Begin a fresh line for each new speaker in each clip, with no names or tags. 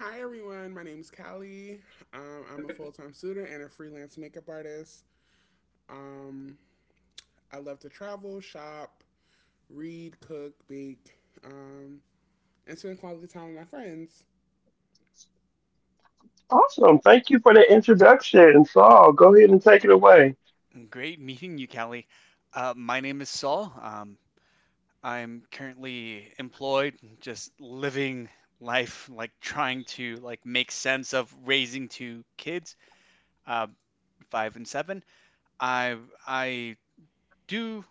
Hi everyone, my name is Callie. I'm a full time student and a freelance makeup artist. Um, I love to travel, shop, read, cook, bake, um, and spend quality time with my friends.
Great meeting you, Callie. My name is Saul. I'm currently employed, just living life, like trying to like make sense of raising two kids, uh, five and seven. I I do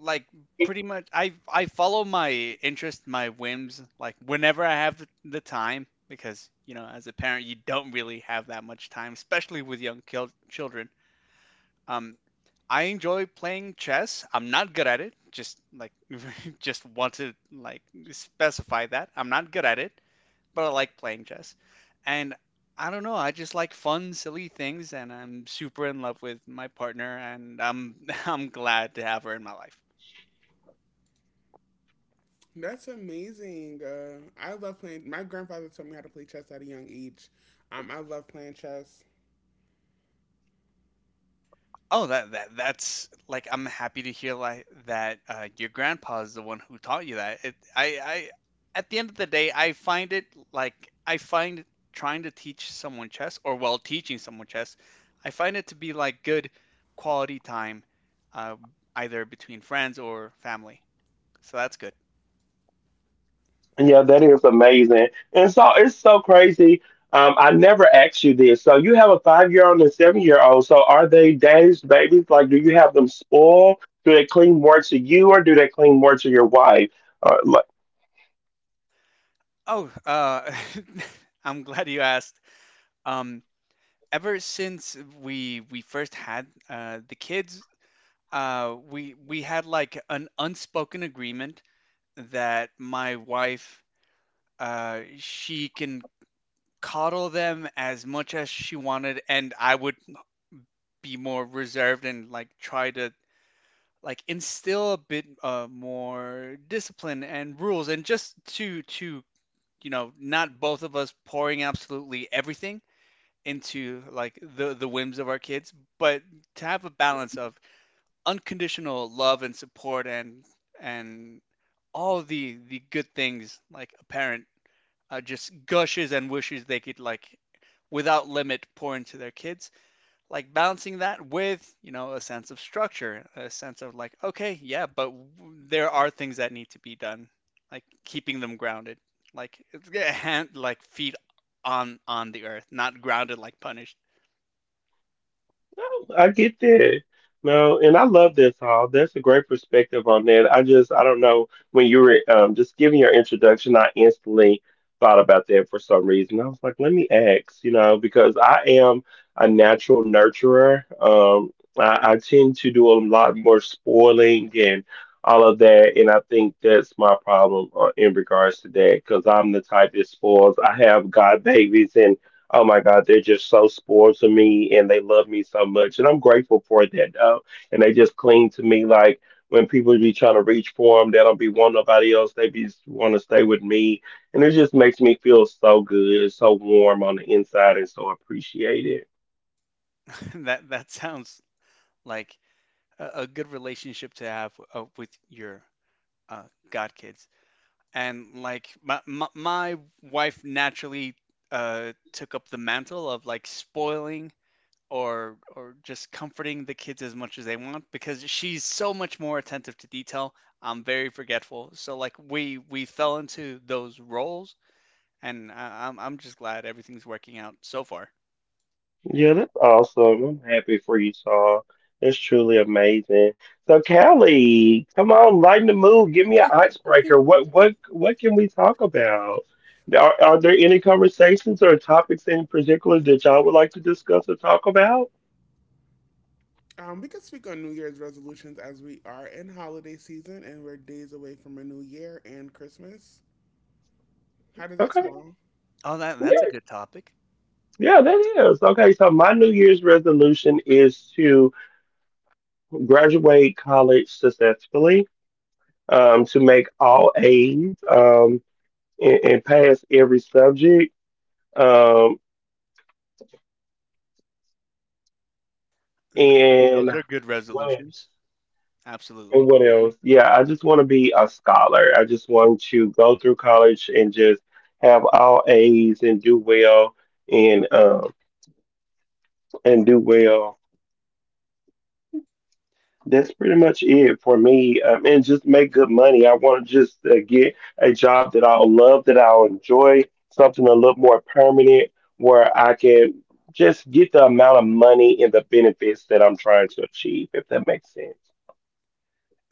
like pretty much. I follow my interest, my whims, like whenever I have the time, because you know, as a parent, you don't really have that much time, especially with children. Um, I enjoy playing chess. I'm not good at it. Just like just want to like specify that. I'm not good at it, but I like playing chess. And I don't know, I just like fun, silly things and I'm super in love with my partner and I'm I'm glad to have her in my life.
That's amazing. I love playing. My grandfather taught me how to play chess at a young age. I love playing chess.
Oh, that's like I'm happy to hear like that your grandpa is the one who taught you that. It, I at the end of the day, I find it like I find trying to teach someone chess or while teaching someone chess, I find it to be like good quality time, uh, either between friends or family. So that's good. Oh, I'm glad you asked. Um, Ever since we first had the kids, we had like an unspoken agreement that my wife she can coddle them as much as she wanted and I would be more reserved and like try to like instill a bit more discipline and rules and just to you know not both of us pouring absolutely everything into like the whims of our kids but to have a balance of unconditional love and support and all the good things like a parent just gushes and wishes they could like without limit pour into their kids like balancing that with you know a sense of structure, a sense of like, okay, yeah, but there are things that need to be done, like keeping them grounded, like yeah, hand like feet on the earth, not grounded like punished. That sounds like a good relationship to have with your uh, god kids. And like my wife naturally took up the mantle of like spoiling or just comforting the kids as much as they want because she's so much more attentive to detail. I'm very forgetful, so like we fell into those roles, and I'm just glad everything's working out so far.
We can speak on New Year's resolutions as we are in holiday season and we're days away from a new year and Christmas. How does that sound?
Oh, that's a good topic. Th- those are good resolutions. Absolutely.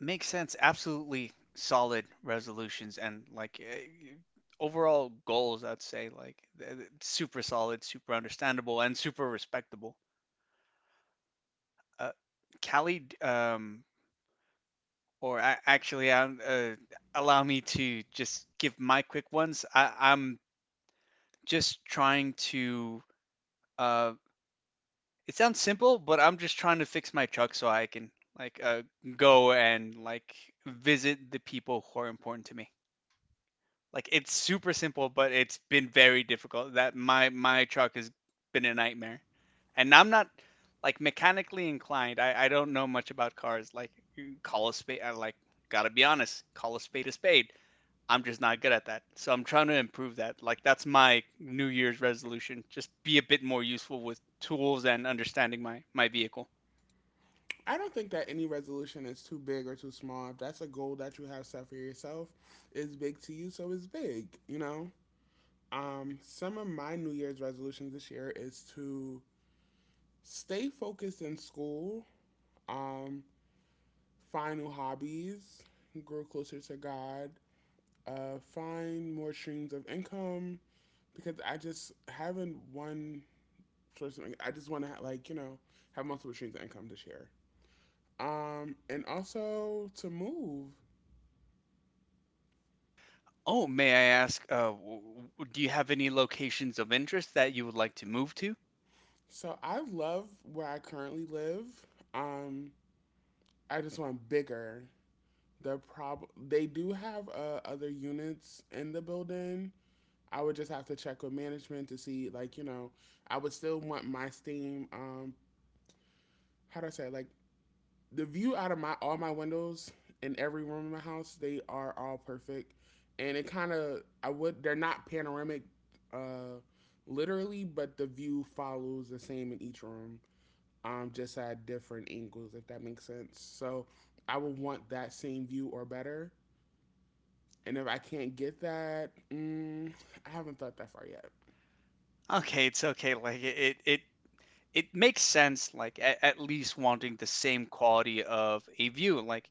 Makes sense. Absolutely solid resolutions and like overall goals, I'd say like super solid, super understandable, and super respectable. Uh, Callie, or actually, allow me to just give my quick ones. I'm just trying to. Uh, it sounds simple, but I'm just trying to fix my truck so I can like go and like visit the people who are important to me. Like it's super simple, but it's been very difficult. That my truck has been a nightmare. And I'm not like mechanically inclined. I don't know much about cars. Like you call a spade I like gotta be honest, call a spade a spade. I'm just not good at that. So I'm trying to improve that. Like that's my New Year's resolution. Just be a bit more useful with tools and understanding my vehicle.
I don't think that any resolution is too big or too small. If that's a goal that you have set for yourself, it's big to you, so it's big, Some of my New Year's resolutions this year is to stay focused in school, um, find new hobbies, grow closer to God, find more streams of income because I just haven't one source of income. I just want to have multiple streams of income this year. And also to move.
Oh, may I ask, do you have any locations of interest that you would like to move to?
So I love where I currently live. Um, I just want bigger. The prob they do have other units in the building. I would just have to check with management to see, I would still want my steam. How do I say it? Like the view out of my all my windows in every room in my house? They are all perfect, and it kind of I would they're not panoramic, uh, literally, but the view follows the same in each room, just at different angles, if that makes sense. So I would want that same view or better. And if I can't get that, I haven't thought that far yet.
Okay, it's okay. Like it makes sense like at least wanting the same quality of a view like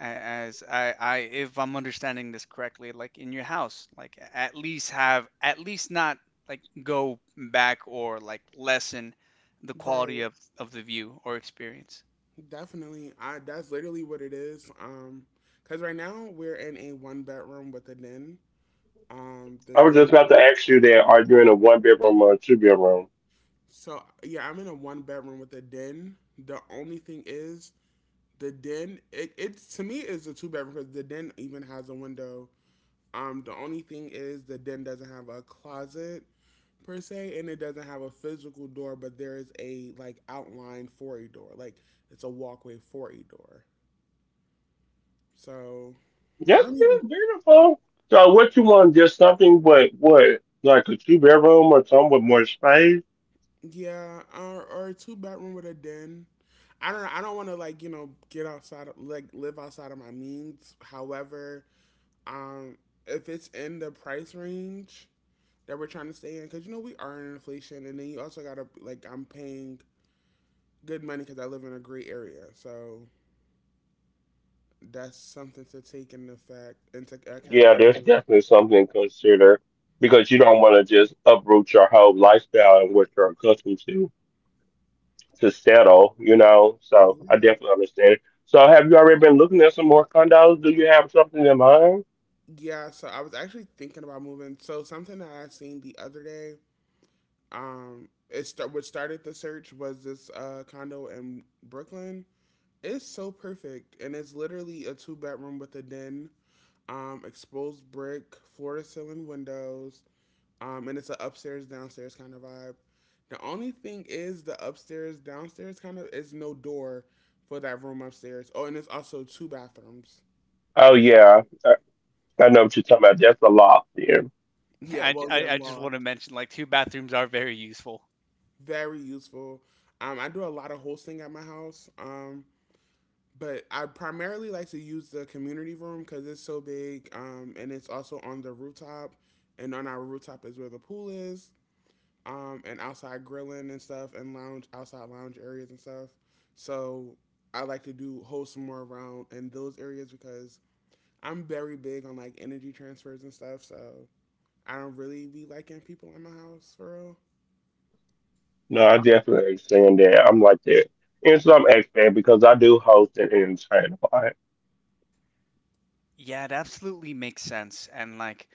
as I if I'm understanding this correctly, like in your house, like at least have, at least not like go back or like lessen the quality
Right.
of the view or experience.
Definitely. I that's literally what it is. Because right now we're in a one bedroom with a den. The den. So yeah, I'm in a one bedroom with a den. The only thing is the den. It's to me is a two-bedroom because the den even has a window. The only thing is the den doesn't have a closet per se, and it doesn't have a physical door, but there is a like outline for a door, like it's a walkway for a door. So I don't even yeah, or a two-bedroom with a den. I don't know. I don't want to get outside of, like live outside of my means. However, um, if it's in the price range that we're trying to stay in, because you know we are in inflation, and then you also gotta like I'm paying good money because I live in a great area. So that's something to take into fact into account. Yeah. Yeah, so I was actually thinking about moving. So something that I seen the other day, it start what started the search was this condo in Brooklyn. It's so perfect, and it's literally a two-bedroom with a den, exposed brick, floor to ceiling windows. And it's an upstairs downstairs kind of vibe. The only thing is the upstairs downstairs kind of is no door for that room upstairs. Oh, and it's also two bathrooms. Yeah, well, yeah,
I just want to
loft.
mention like two bathrooms are very useful.
Very useful. I do a lot of hosting at my house. But I primarily like to use the community room because it's so big. And it's also on the rooftop, and on our rooftop is where the pool is, and outside grilling and stuff, and lounge outside lounge areas and stuff. So I like to do hold some more around in those areas because I'm very big on like energy transfers and stuff. So I don't really be liking people in my house for real.
Yeah, it absolutely makes sense, and like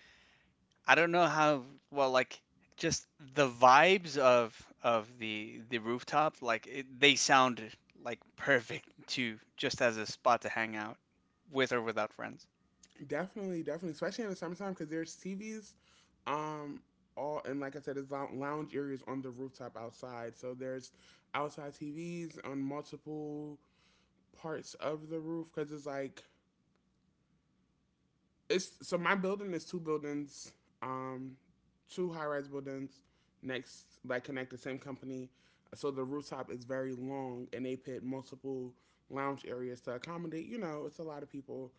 I don't know how well like just the vibes of the rooftop, like it, they sound like perfect to just as a spot to hang out with or without friends.
Definitely, definitely, especially in the summertime because there's TVs, um, all and like I said, there's lounge areas on the rooftop outside. So there's outside TVs on multiple parts of the roof because it's like it's so my building is two buildings, um, two high rise buildings next like connect the same company. So the rooftop is very long and they put multiple lounge areas to accommodate, you know, it's a lot of people.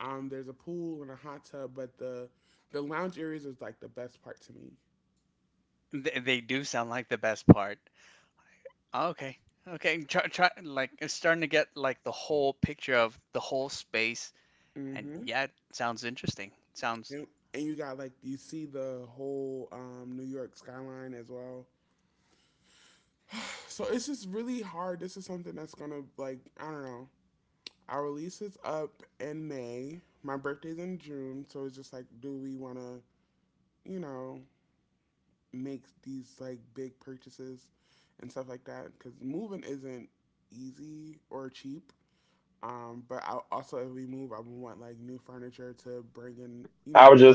There's a pool and a hot tub, but the lounge areas is like the best part to me.
They do sound like the best part. Oh, okay. Okay, try like it's starting to get like the whole picture of the whole space, and
Mm-hmm.
yeah, it sounds interesting. Sounds
And, and you got like you see the whole New York skyline as well. So it's just really hard. This is something that's gonna like I don't know. Our release is up in May. My birthday's in June, so it's just like, do we want to, you know, make these like big purchases and stuff like that? Because moving isn't easy or cheap. But I also, if we move, I would want like new furniture to bring in, you know. To...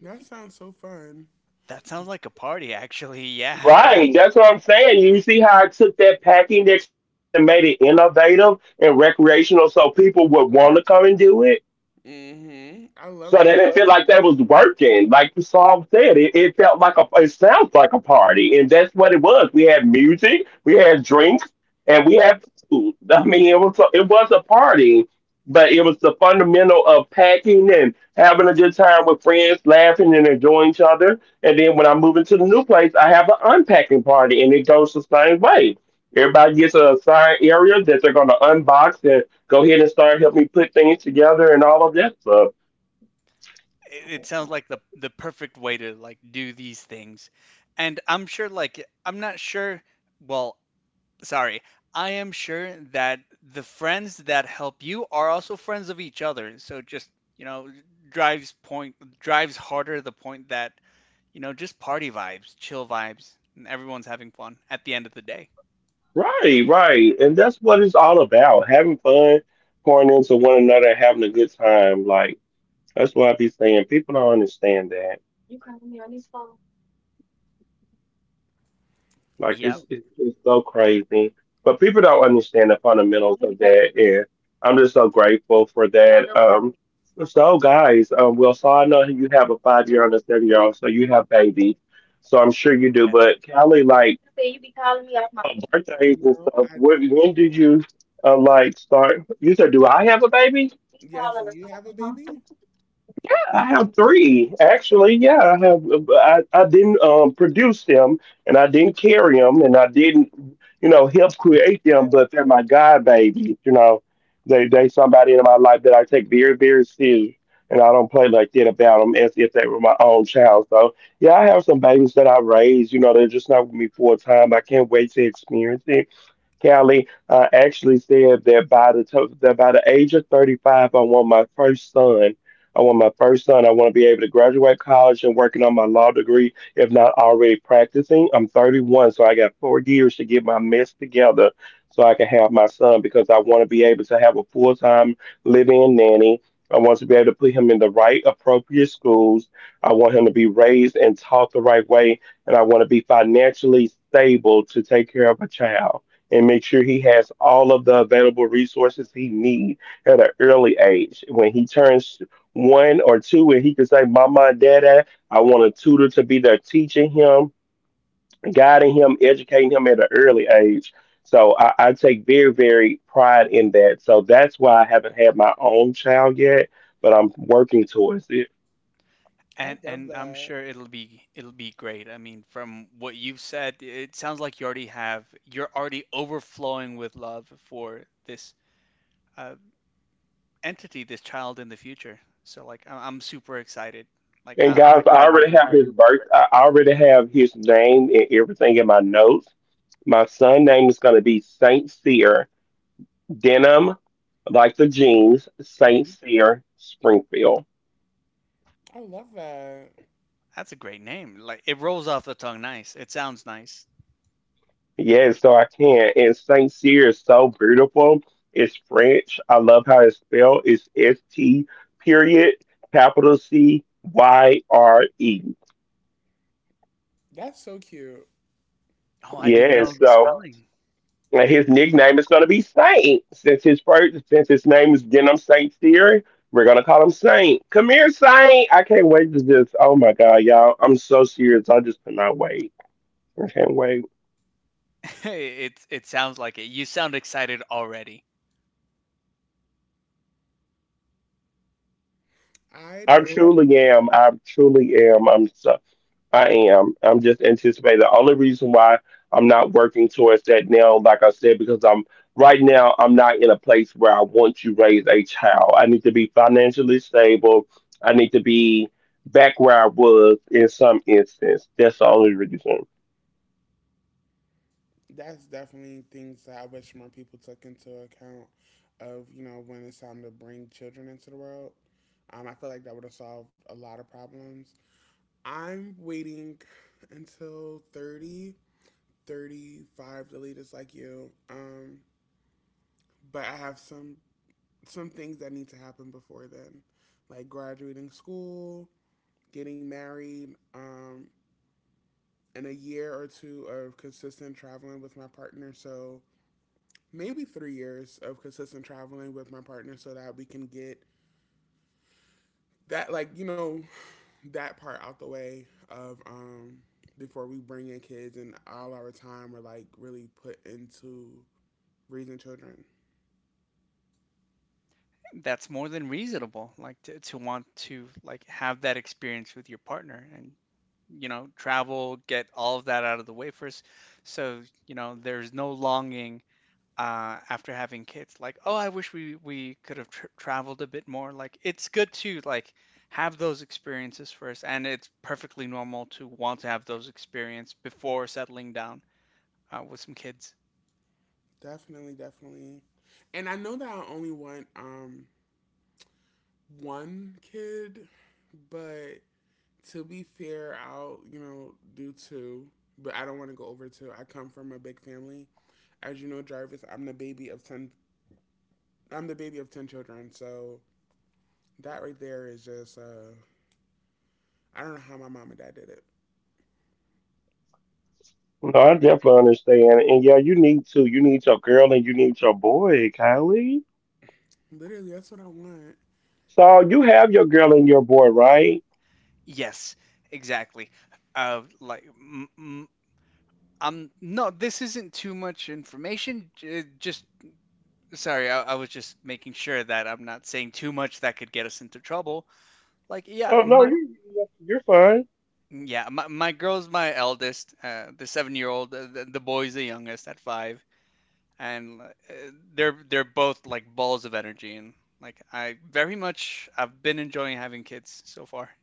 That sounds so fun.
that sounds like a party actually. Yeah.
Mm-hmm. I love that.
It sounds like the perfect way to like do these things. And I'm sure like I'm not sure, well, sorry. I am sure that the friends that help you are also friends of each other. So just, you know, drives point drives harder the point that, you know, just party vibes, chill vibes, and everyone's having fun at the end of the day. Yep.
No, I don't. Yes, you have a baby. Yeah, I
And
love
and I'm
that.
sure it'll be great. I mean, from what you've said, it sounds like you already have you're already overflowing with love for this uh, entity, this child in the future. So like I'm super excited. Like I'm glad you'll do great.
Mhm. I love that.
That's a great name. Like it rolls off the tongue nice. It sounds nice.
That's so cute.
Oh, I didn't know the spelling. It sounds like it. You sound excited already.
I don't. That's definitely things that I wish more people took into account of, you know, when it's time to bring children into the world. I feel like that would have solved a lot of problems. I'm waiting until 35 the to like you. But I have some things that need to happen before then, like graduating school, getting married, and a year or two of consistent traveling with my partner. So maybe 3 years of consistent traveling with my partner so that we can get that that part out the way of before we bring in kids and all our time are like really put into raising children.
That's more than reasonable, like to want to like have that experience with your partner and, you know, travel, get all of that out of the way first. So, you know, there's no longing after having kids. Like, oh, I wish we could have tr traveled a bit more. Like, it's good to like have those experiences first, and it's perfectly normal to want to have those experiences before settling down with some kids.
Definitely, definitely. And I know that I only want one kid, but to be fair I'll you know do two, but I don't want to go over two. I come from a big family. As you know Jarvis, I'm the baby of 10 children, so that right there is just, I don't know how my mom and dad did it. Literally, that's what I want.
Yes, exactly. Like, m m I'm no, this isn't too much information. Just sorry, I was just making sure that I'm not saying too much that could get us into trouble. Like, yeah, my girl's my eldest, the 7 year old. The boy's the youngest at five, and they're both like balls of energy, and like I very much I've been enjoying having kids so far.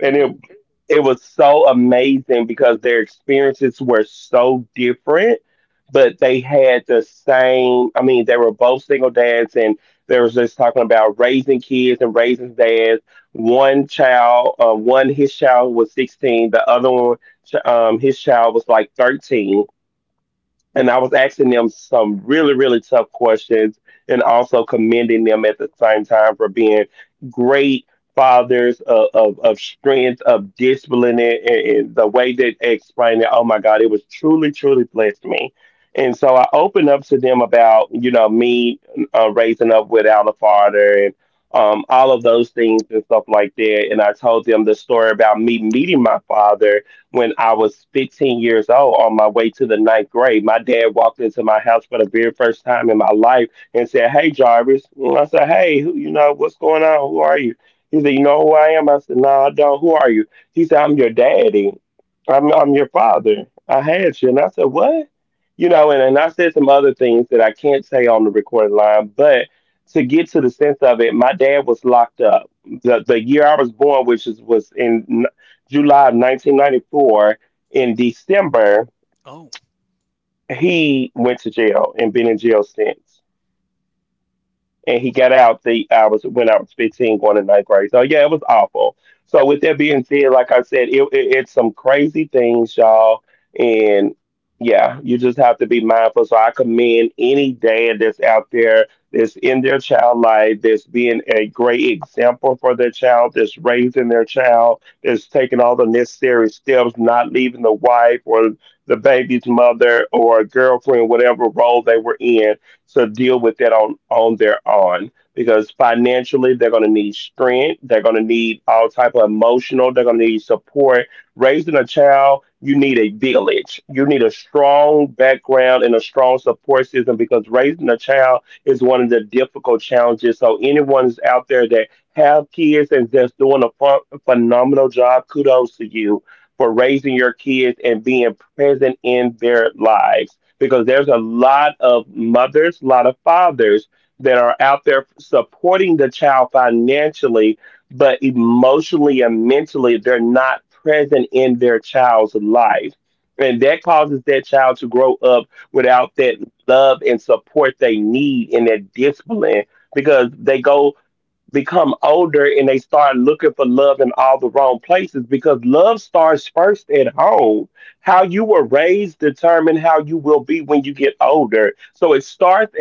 Mm,
Oh,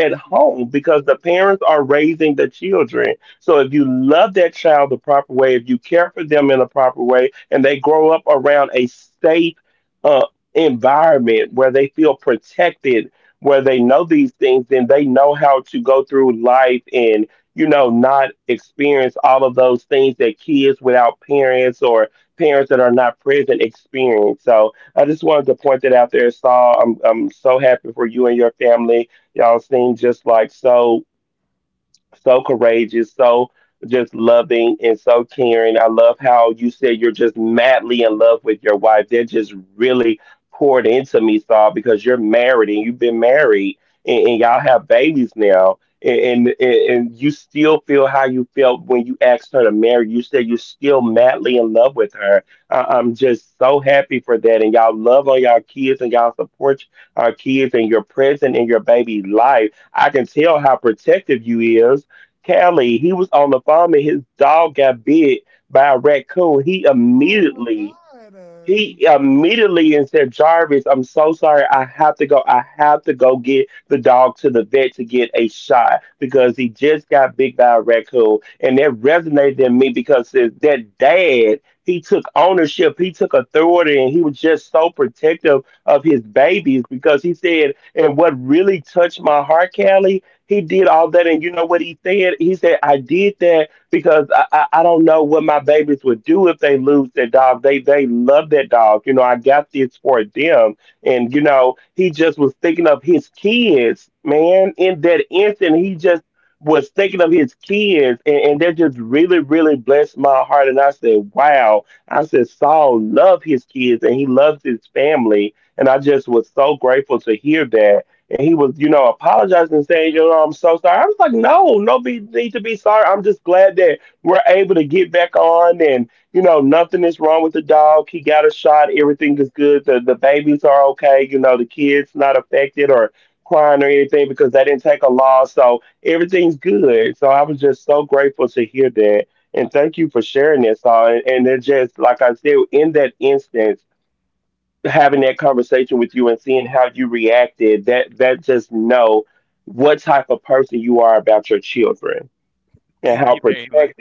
that's amazing. Oh my God.
thank you very much.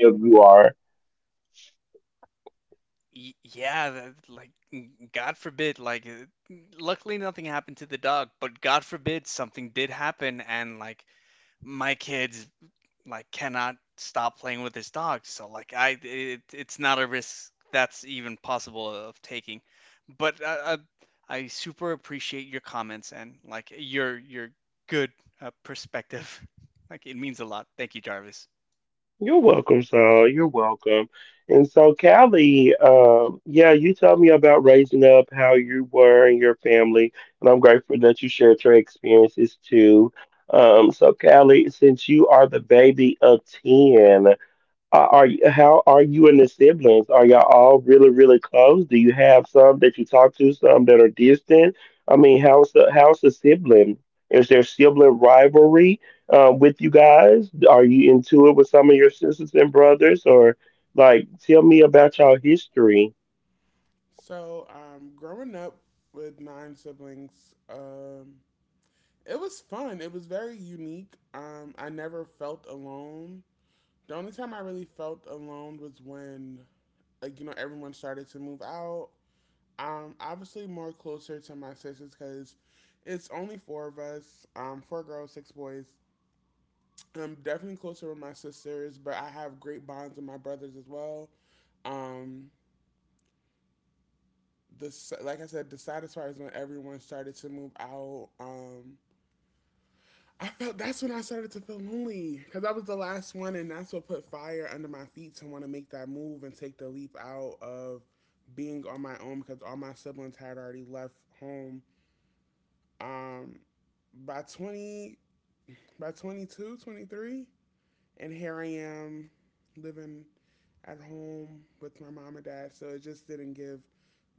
Yeah, that, like, God forbid, like, luckily nothing happened to the dog, but God forbid something did happen, and like, my kids like cannot stop playing with this dog so like I it, it's not a risk that's even possible of taking, but I super appreciate your comments and like your good perspective. Like it means a lot, thank you, Jarvis.
So, growing up with nine siblings, it was fun. It was very unique. I never felt alone. The only time I really felt alone was when, like, you know, everyone started to move out. Obviously more closer to my sisters because it's only four of us. Four girls, six boys. I'm definitely closer with my sisters, but I have great bonds with my brothers as well. Um, like I said, the saddest part is when everyone started to move out. I felt that's when I started to feel lonely because I was the last one, and that's what put fire under my feet to want to make that move and take the leap out of being on my own because all my siblings had already left home. Um, by 20, by 22, 23, and here I am living at home with my mom and dad. So it just didn't give,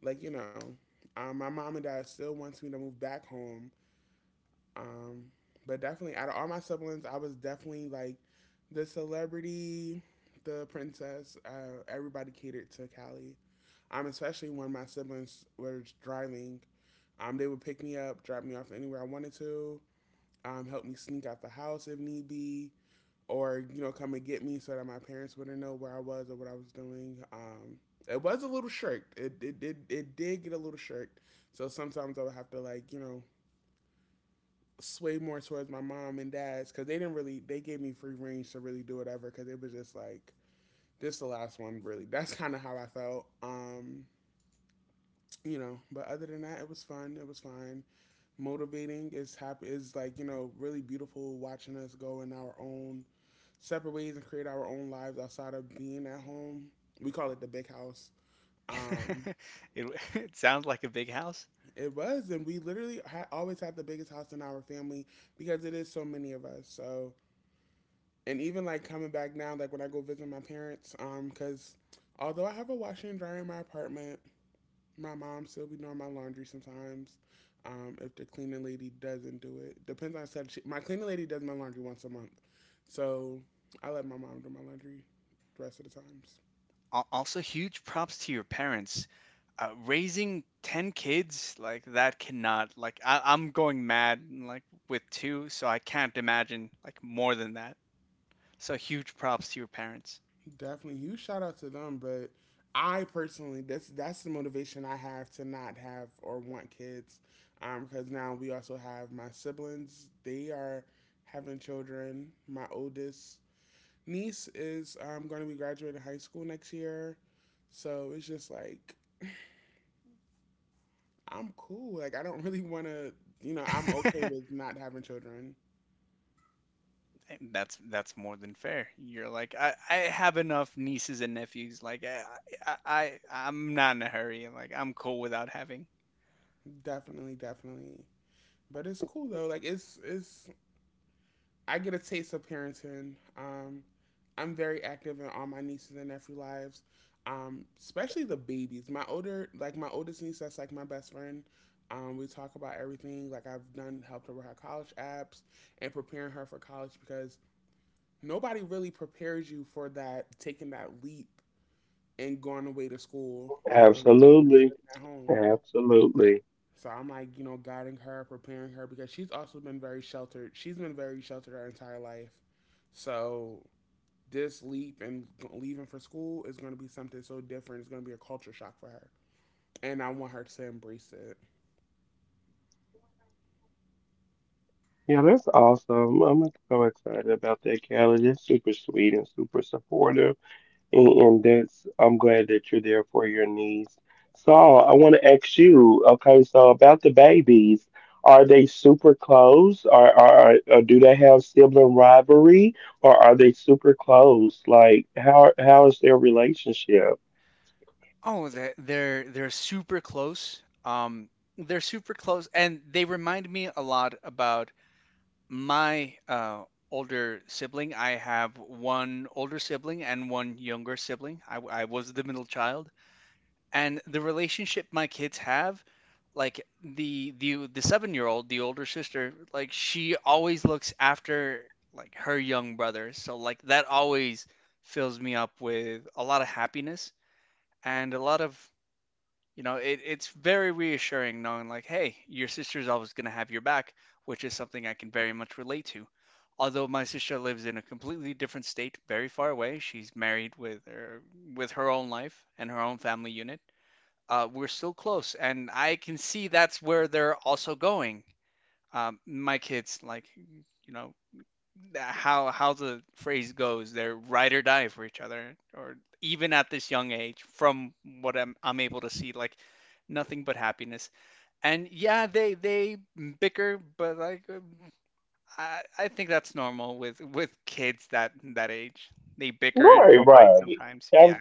like, you know, my mom and dad still wants me to move back home. Um, but definitely, out of all my siblings, I was definitely like the celebrity, the princess. Everybody catered to Callie. Especially when my siblings were driving, they would pick me up, drop me off anywhere I wanted to, help me sneak out the house if need be, or you know, come and get me so that my parents wouldn't know where I was or what I was doing. It was a little shirked. It did get a little shirked. So sometimes I would have to sway more towards my mom and dad's because they didn't really they gave me free range to really do whatever because it was just like this is the last one really. That's kind of how I felt. You know, but other than that, it was fun. It was fine. Motivating is happy is like you know really beautiful watching us go in our own separate ways and create our own lives outside of being at home. We call it the big house. Um,
it, it sounds like a big house.
it was, and we literally always had the biggest house in our family because it is so many of us. So, and even like coming back now, like when I go visit my parents, because although I have a washer and dryer in my apartment, my mom still be doing my laundry sometimes. If the cleaning lady doesn't do it, depends on said. She, my cleaning lady does my laundry once a month, so I let my mom do my laundry the rest of the times.
Also, huge props to your parents. Raising 10 kids, like that cannot, like I I'm going mad like with two, so I can't imagine like more than that. So huge props to your parents.
Definitely, you shout out to them, but I personally, that's the motivation I have to not have or want kids, because now we also have my siblings. They are having children. My oldest niece is going to be graduating high school next year, so it's just like I'm cool. Like I don't really want to, I'm okay with not having children.
That's more than fair. You're like I have enough nieces and nephews. Like I'm not in a hurry. Like I'm cool without having.
Definitely, definitely. But it's cool though. Like it's I get a taste of parenting. I'm very active in all my nieces and nephew lives, especially the babies. My older, like my oldest niece, that's like my best friend. We talk about everything. Like I've done, helped her with her college apps and preparing her for college because nobody really prepares you for that, taking that leap and going away to school um, at home. So I'm like, you know, guiding her, preparing her because she's also been very sheltered. She's been very sheltered her entire life. So this leap and leaving for school is going to be something so different. It's going to be a culture shock for her. And I want her to embrace it.
Oh, they're they're super close. They're super close, and they remind me a lot about my older sibling. I have one older sibling and one younger sibling. I was the middle child, and the relationship my kids have, like the 7 year old, the older sister, like she always looks after like her young brother. So like that always fills me up with a lot of happiness and a lot of, you know, it, it's very reassuring knowing, like, hey, your sister's always going to have your back, which is something I can very much relate to. Although my sister lives in a completely different state, very far away, she's married with with her own life and her own family unit. We're still close, and I can see that's where they're also going. My kids, like, you know, how the phrase goes, they're ride or die for each other, or even at this young age, from what I'm able to see, like nothing but happiness. And yeah, they bicker, but like I think that's normal with kids that that age. They bicker and fight sometimes. Yeah,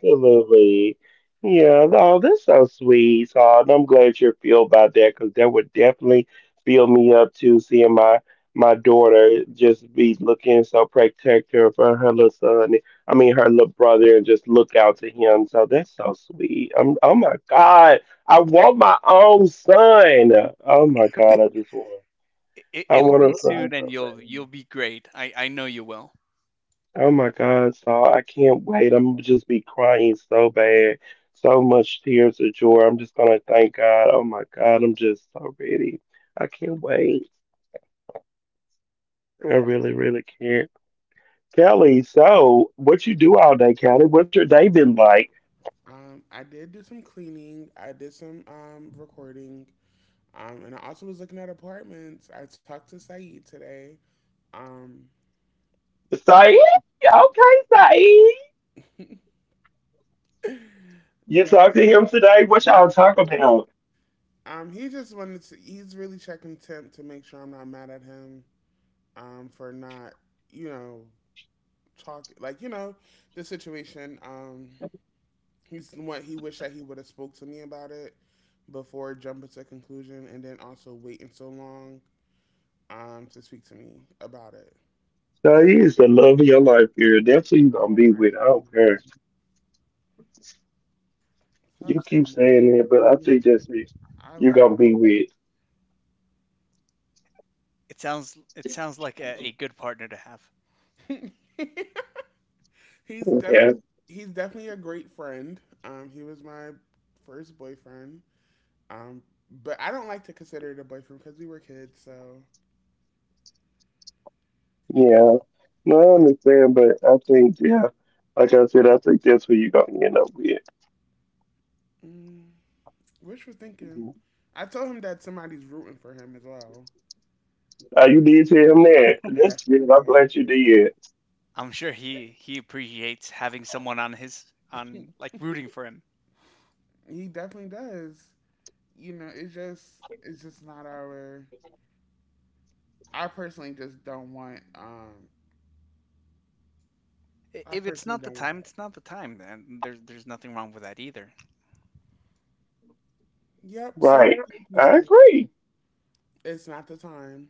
it, it'll be soon, and you'll be great. I know you will.
I did do some cleaning, I did some recording, and I also was looking at apartments. I talked to Saeed today. Um, that he just wanted to, he's really checking temp to make sure I'm not mad at him for not, you know, talk like you know the situation. He's what he wished that he would have spoke to me about it before jumping to conclusion, and then also waiting so long to speak to me about it. Oh my god. Stop saying that. I love
It sounds like a good partner to have.
I love he's definitely he's definitely a great friend. He was my first boyfriend. Um, but I don't like to consider it a boyfriend because we were kids. So mm, wishful thinking? I told him that somebody's rooting for him as well. I definitely did.
I'm sure he appreciates having someone on his
He,
on like rooting for him.
he definitely does. You know, it's just not our. I personally just don't want. I
If it's
personally
not the
don't want
time,
that.
it's not the time, and there's nothing wrong with that either.
Yep. See, thank you, Sal. It's not the time.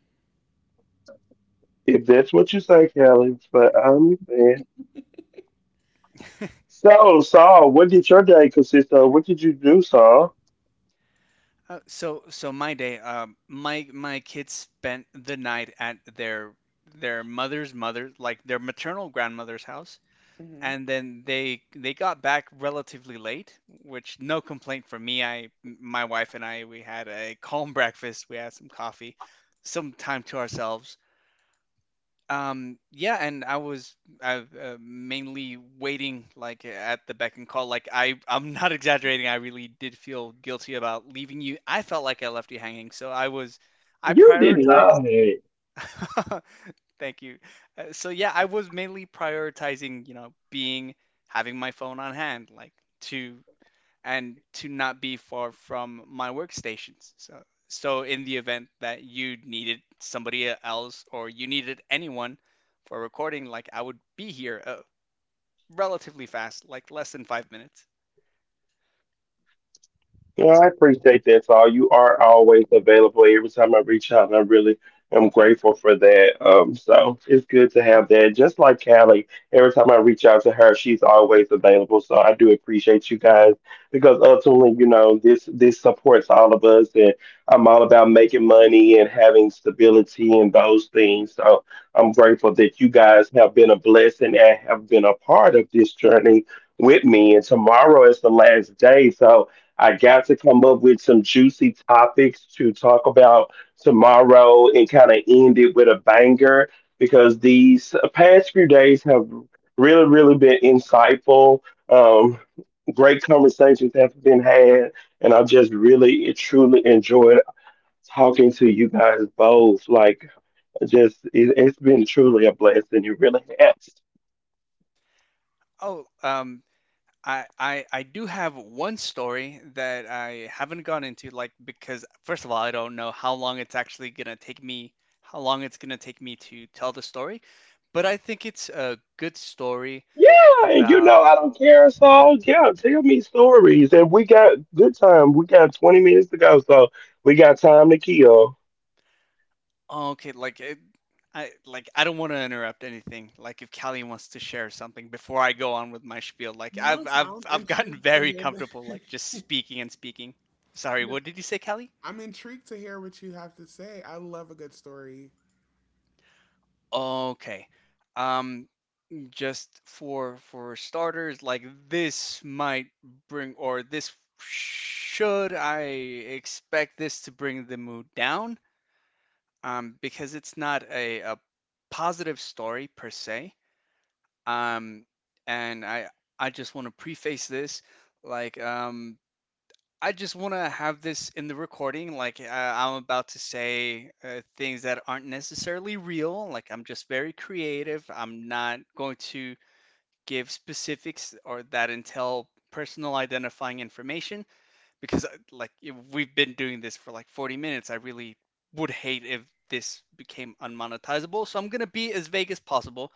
So so my day, my my kids spent the night at their mother's mother, like their maternal grandmother's house,
Hmm.
and then they got back relatively late, which no complaint from me. I my wife and I we had a calm breakfast. We had some coffee, some time to ourselves. Yeah, and I mainly waiting, like, at the beck and call. Like I'm not exaggerating. I really did feel guilty about leaving you. I felt like I left you hanging, so I prioritized. Thank you. So yeah, I was mainly prioritizing, you know, being having my phone on hand, like to and to not be far from my workstations. So in the event that you needed somebody else or you needed anyone for recording, like I would be here relatively fast, like less than five minutes. Oh, I do have one story that I haven't gone into, like because, first of all, I don't know how long it's gonna take me to tell the story, but I think it's a good story about. Oh, okay, like it, I like I don't want to interrupt anything. Like if Callie wants to share something before I go on with my spiel, like
No,
I've
so
I've
I'm
I've gotten
intrigued to
very
hear
comfortable,
the.
like, just speaking and speaking. Sorry,
No,
what did you say, Callie?
I'm intrigued to hear what you have to say. I love a good story.
Okay. Um, just for starters, like, this might bring, or this, should I expect this to bring the mood down? Because it's not a, a positive story per se. Um, and I just want to preface this, like, I just want to have this in the recording. Like I'm about to say things that aren't necessarily real. Like, I'm just very creative. I'm not going to give specifics or that entail personal identifying information because like if we've been doing this for like 40 minutes. I really would hate if this became unmonetizable. So I'm gonna be as vague as possible.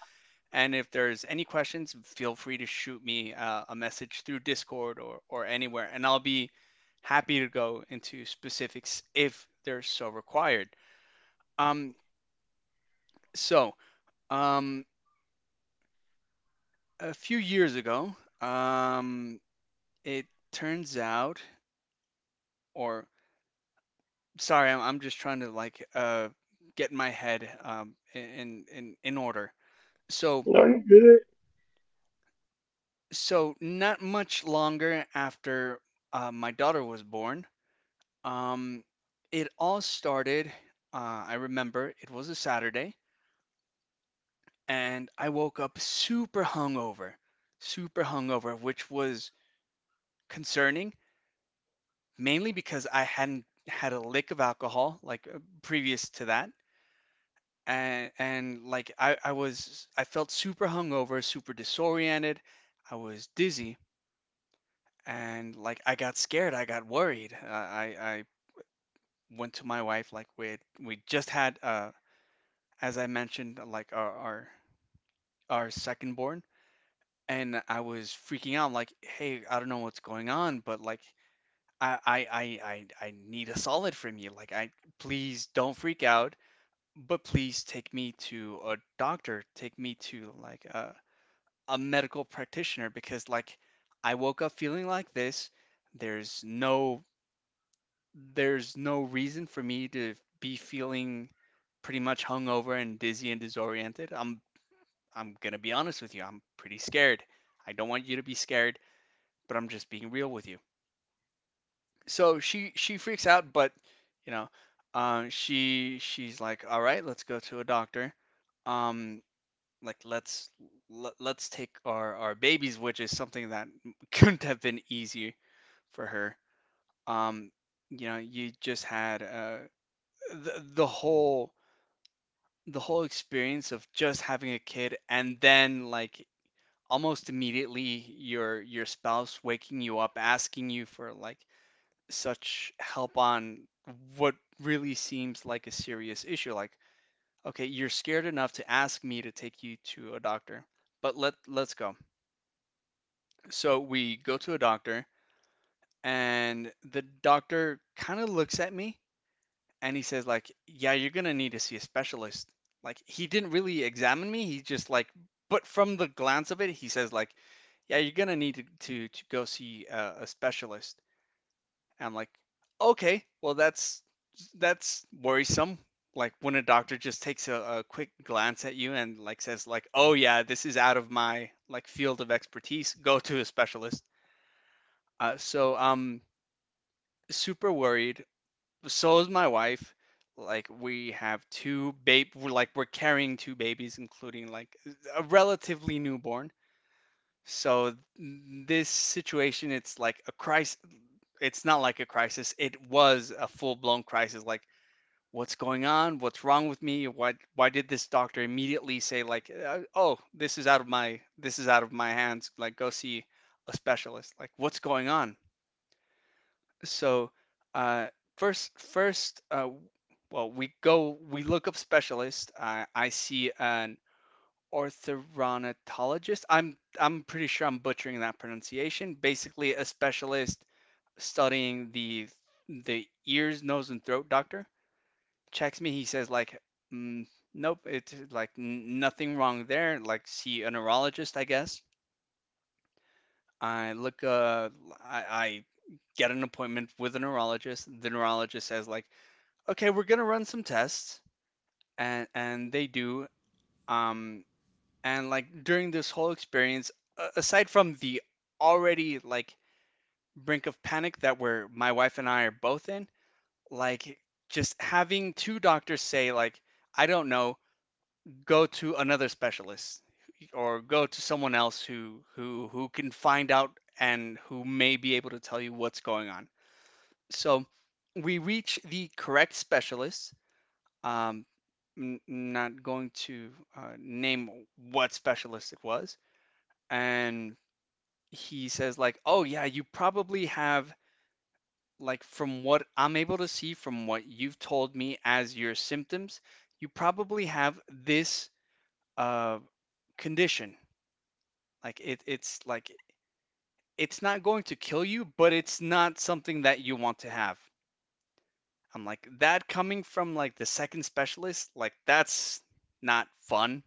And if there's any questions, feel free to shoot me a message through Discord or anywhere, and I'll be happy to go into specifics if they're so required. Um, so, um, a few years ago, um, it turns out, or sorry, I'm just trying to like get my head, in order. So, so not much longer after my daughter was born, um, it all started. I remember it was a Saturday, and I woke up super hungover, which was concerning, mainly because I hadn't had a lick of alcohol like previous to that. And like I felt super hungover, super disoriented. I was dizzy, and like I got worried. I went to my wife, like we just had as I mentioned, like our second born, and I was freaking out, like, hey, I don't know what's going on, but like, I I I I need a solid from you. Like, I, please don't freak out, but please take me to a doctor, take me to like a medical practitioner because like I woke up feeling like this. There's no there's no reason for me to be feeling pretty much hungover and dizzy and disoriented. I'm going to be honest with you. I'm pretty scared. I don't want you to be scared, but I'm just being real with you. So she freaks out, but, you know, she's like, all right, let's go to a doctor. Um, like let's, let's take our babies, which is something that couldn't have been easier for her. Um, you know, you just had the the whole the whole experience of just having a kid, and then like almost immediately your spouse waking you up asking you for like such help on what really seems like a serious issue. Like, okay, you're scared enough to ask me to take you to a doctor, but let's go. So we go to a doctor, and the doctor kind of looks at me and he says like, "Yeah, you're gonna need to see a specialist." Like, he didn't really examine me. He just like, but from the glance of it, he says like, "Yeah, you're gonna need to go see a specialist." And I'm like, "Okay, well, that's worrisome." Like, when a doctor just takes a quick glance at you and like says like, "Oh yeah, this is out of my like field of expertise. Go to a specialist." So I'm super worried, so is my wife. Like we're carrying two babies, including like a relatively newborn. So this situation, it's like a crisis. It's not like a crisis. It was a full-blown crisis. Like, what's going on? What's wrong with me? Why did this doctor immediately say like, oh, this is out of my hands. Like, go see a specialist. Like, what's going on? So, uh, first, first, uh, well, we go, we look up specialist. I see an orthodontologist. I'm pretty sure I'm butchering that pronunciation. Basically, a specialist studying the ears, nose, and throat doctor checks me. He says like, mm, nope, it's like nothing wrong there. Like, see a neurologist, I guess. I look, I get an appointment with a neurologist. The neurologist says like, okay, we're gonna run some tests, and they do. Um, and like during this whole experience, aside from the already like brink of panic that we're my wife and I are both in, like, just having two doctors say like, I don't know, go to another specialist or go to someone else who can find out and who may be able to tell you what's going on. So we reach the correct specialist. Um, not going to name what specialist it was. And he says, like, oh, yeah, you probably have, like, from what I'm able to see, from what you've told me as your symptoms, you probably have this, uh, condition. Like, it, it's like, it's not going to kill you, but it's not something that you want to have. I'm like, that coming from like the second specialist, like, that's not fun.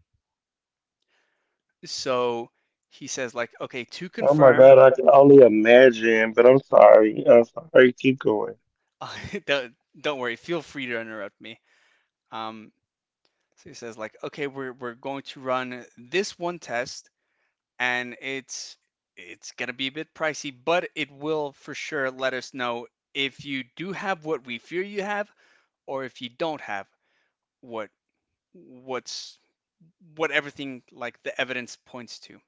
So he says like, okay, to confirm, don't, don't worry, feel free to interrupt me. Um, so he says like, okay, we're going to run this one test, and it's gonna be a bit pricey, but it will for sure let us know if you do have what we fear you have, or if you don't have what what's what everything like the evidence points to.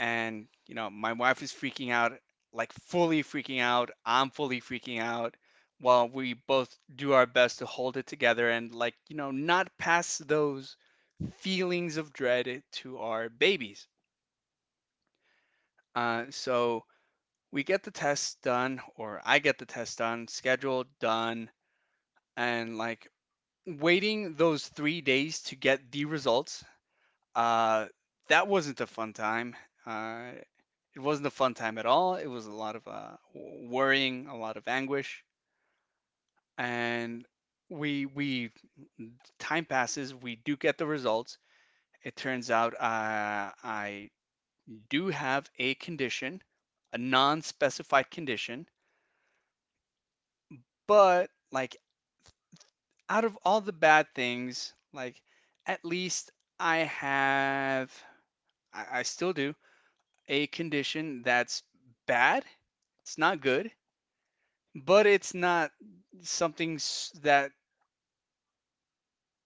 And you know, my wife is freaking out, like fully freaking out, I'm fully freaking out, while we both do our best to hold it together and like, you know, not pass those feelings of dread to our babies. So we get the test done or I get the test done, scheduled, done, and like, waiting those three days to get the results, uh, that wasn't a fun time. uh, It wasn't a fun time at all. It was a lot of worrying, a lot of anguish, and we time passes. We do get the results. It turns out, I do have a condition, a non-specified condition, but like, out of all the bad things, like, at least I have, I still do, a condition that's bad. It's not good, but it's not something that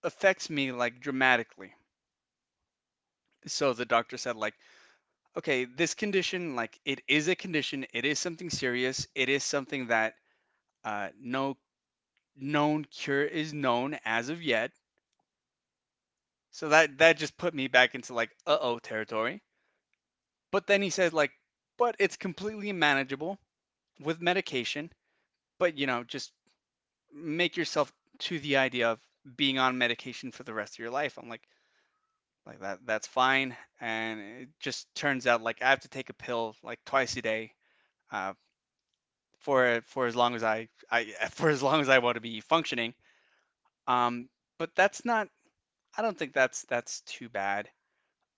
affects me like dramatically. So the doctor said like, okay, this condition, like it is a condition, it is something serious, it is something that, no known cure is known as of yet. So that just put me back into like uh-oh territory. But then he said like, but it's completely manageable with medication, but you know, just make yourself to the idea of being on medication for the rest of your life. I'm like that's fine, and it just turns out like I have to take a pill like twice a day, uh, for as long as I for as long as I want to be functioning. Um, but that's not, I don't think that's too bad.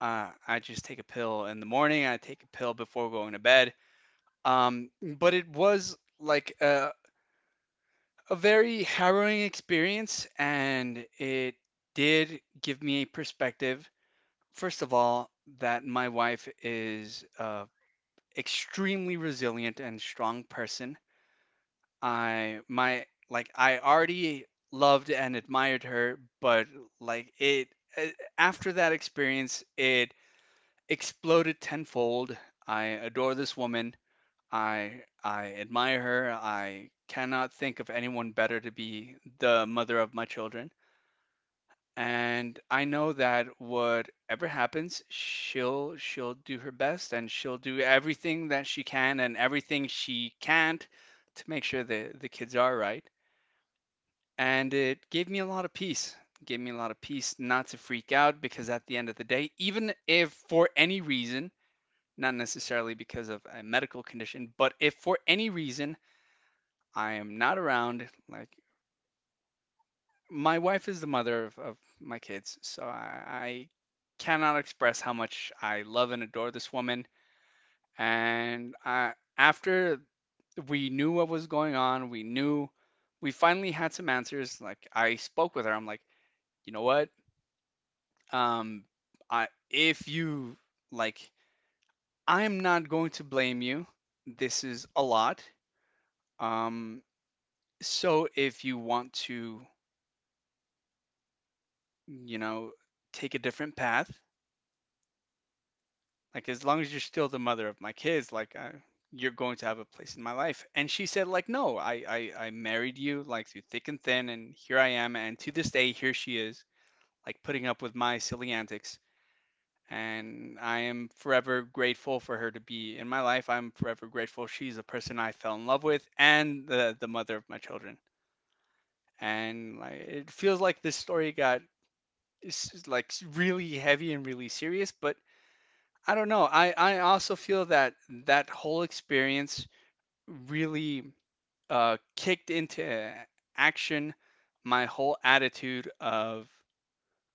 I just take a pill in the morning, I take a pill before going to bed. Um, but it was like a very harrowing experience, and it did give me a perspective. First of all, that my wife is extremely resilient and strong person. I, my like, I already loved and admired her, but like it, after that experience, it exploded tenfold. I adore this woman. I admire her. I cannot think of anyone better to be the mother of my children, and I know that whatever happens, she'll do her best and she'll do everything that she can and everything she can't to make sure the kids are right. And it gave me a lot of peace. Gave me a lot of peace not to freak out because at the end of the day, even if for any reason, not necessarily because of a medical condition, but if for any reason I am not around, like my wife is the mother of my kids, so I cannot express how much I love and adore this woman. And I, after we knew what was going on, we knew we finally had some answers. Like I spoke with her, I'm like, you know what? Um, I if you like, I'm not going to blame you. This is a lot. Um, so if you want to, you know, take a different path, like as long as you're still the mother of my kids, like I, you're going to have a place in my life." And she said, "Like no, I married you like through thick and thin, and here I am, and to this day here she is, like putting up with my silly antics." And I am forever grateful for her to be in my life. I'm forever grateful she's the person I fell in love with and the mother of my children. And like it feels like this story got it's like really heavy and really serious, but I don't know. I also feel that that whole experience really kicked into action my whole attitude of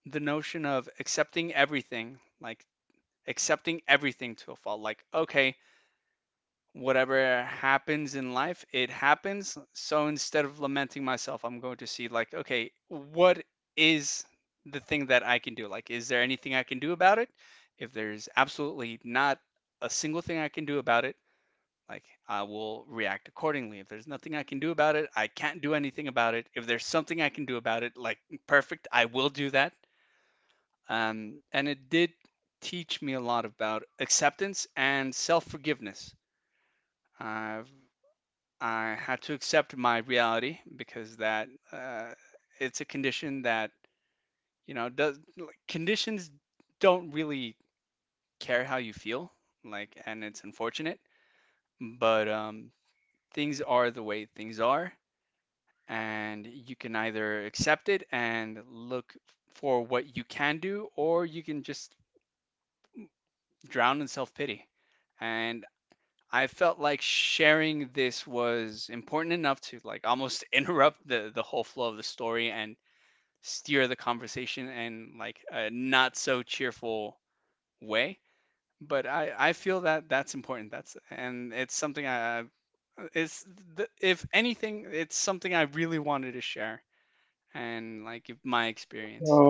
the notion of accepting everything, like accepting everything to a fault. Like, okay, whatever happens in life, it happens. So instead of lamenting myself, I'm going to see like, okay, what is the thing that I can do? Like, is there anything I can do about it? If there's absolutely not a single thing I can do about it, like I will react accordingly. If there's nothing I can do about it, I can't do anything about it. If there's something I can do about it, like perfect, I will do that. And it did teach me a lot about acceptance and self forgiveness. I've I had to accept my reality because that it's a condition that you know does like, conditions don't really care how you feel like and it's unfortunate but things are the way things are and you can either accept it and look for what you can do or you can just drown in self-pity and I felt like sharing this was important enough to like almost interrupt the whole flow of the story and steer the conversation in like a not so cheerful way. But I feel that that's important. That's and it's something I it's if anything it's something I really wanted to share and like give my experience.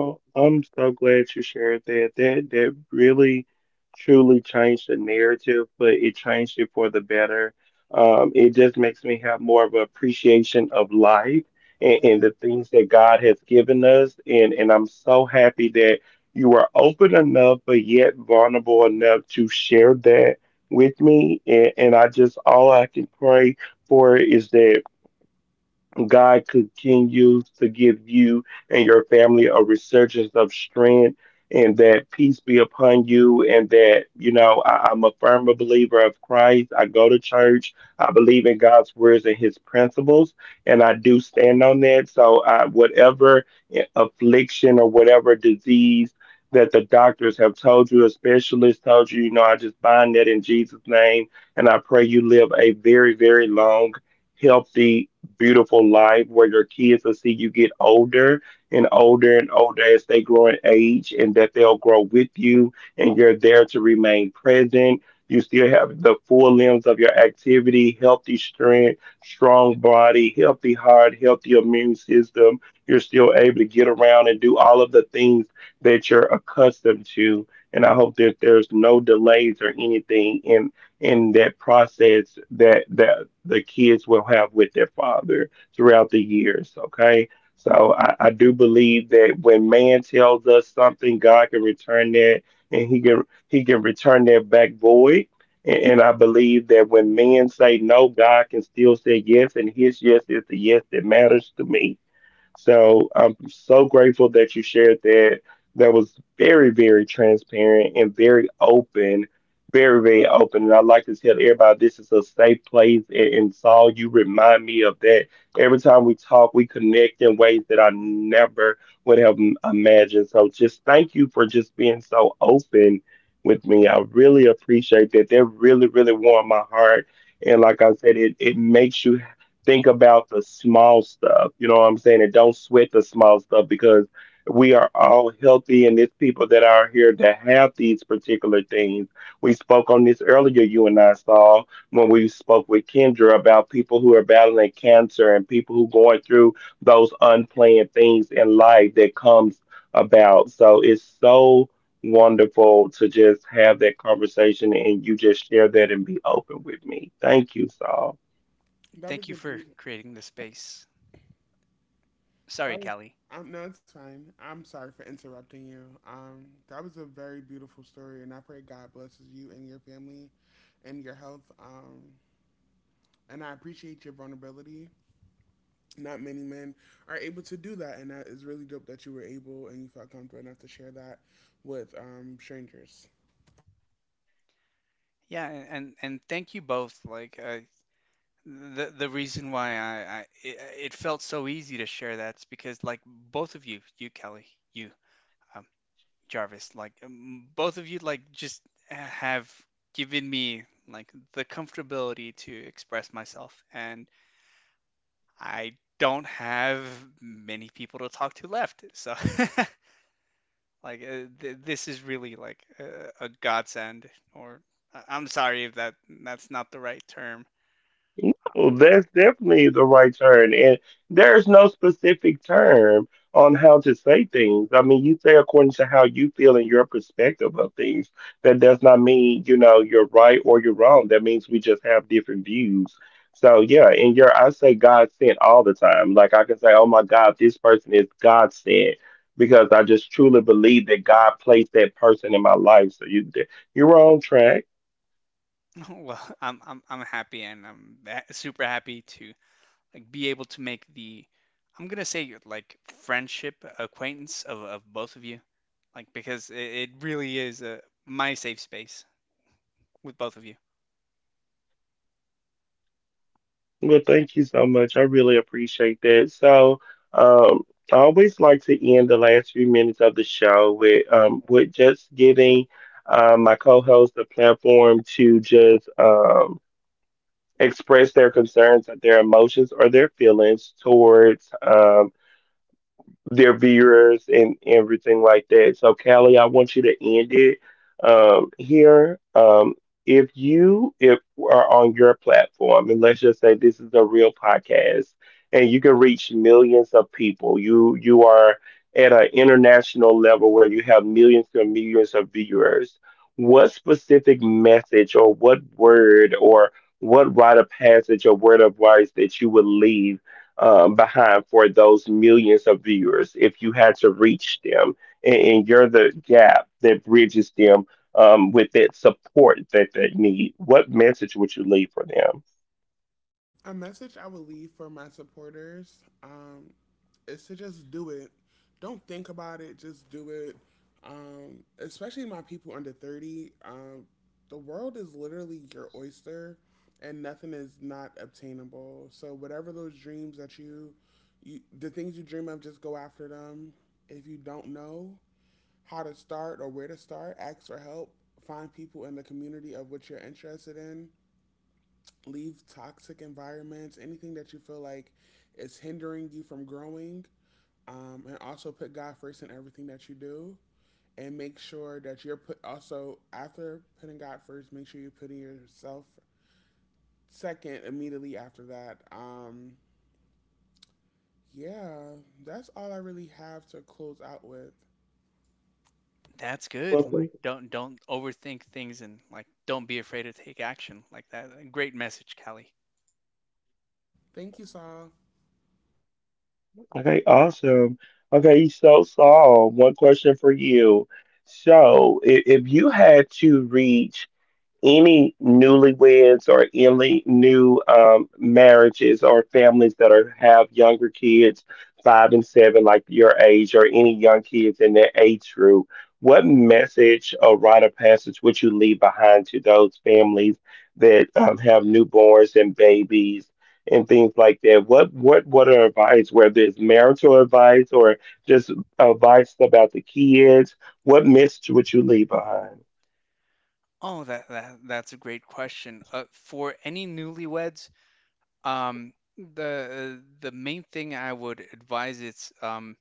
Yeah, that
Thank
was
you
a
for
beautiful.
creating the space. Sorry,
That was.
Kelly.
No, it's fine. I'm sorry for interrupting you. That was a very beautiful story, and I pray God blesses you and your family, and your health. And I appreciate your vulnerability. Not many men are able to do that, and that is really dope that you were able and you felt comfortable enough to share that with strangers.
Yeah, and thank you both. Like the reason why I it, it felt so easy to share that's because like both of you, you Kelly, you uh, Jarvis, like both of you, like just have given me like the comfortability to express myself, and I don't have many people to talk to left. So, like, this is really like a godsend. Or I- I'm sorry if that that's not the right term. Well, I'm happy, and I'm super happy to like be able to make the I'm gonna say like friendship acquaintance of both of you, like because it really is a my safe space with both of you.
A message I would leave for my supporters is to just do it. Don't think about it, just do it. Especially my people under 30. The world is literally your oyster and nothing is not obtainable. So, whatever those dreams that you the things you dream of, just go after them. If you don't know how to start or where to start, ask for help. Find people in the community of what you're interested in leave toxic environments, anything that you feel like is hindering you from growing. And also put God first in everything that you do. And make sure that you're put also after putting God first, make sure you're putting yourself second immediately after that. Yeah, that's all I really have to close out with.
That's good. Like don't overthink things and like don't be afraid to take action. Like that great message, Callie.
Thank you, Saul.
Oh, that, that's a great question. For any newlyweds, um, the main thing I would advise is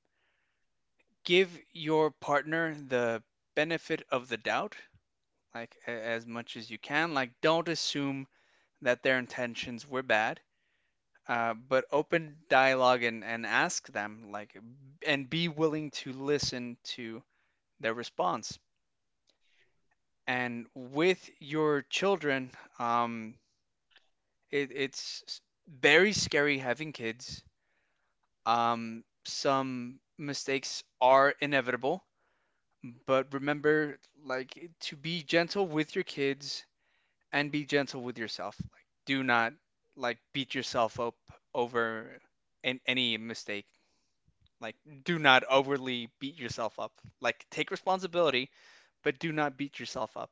give your partner the benefit of the doubt like as much as you can. Like, don't assume that their intentions were bad, but open dialogue and ask them, like, and be willing to listen to their response. And with your children, um, it, it's very scary having kids. Some mistakes are inevitable, but remember, like, to be gentle with your kids and be gentle with yourself. Like, do not like beat yourself up over an any mistake. Like, do not overly beat yourself up. Like, take responsibility, but do not beat yourself up.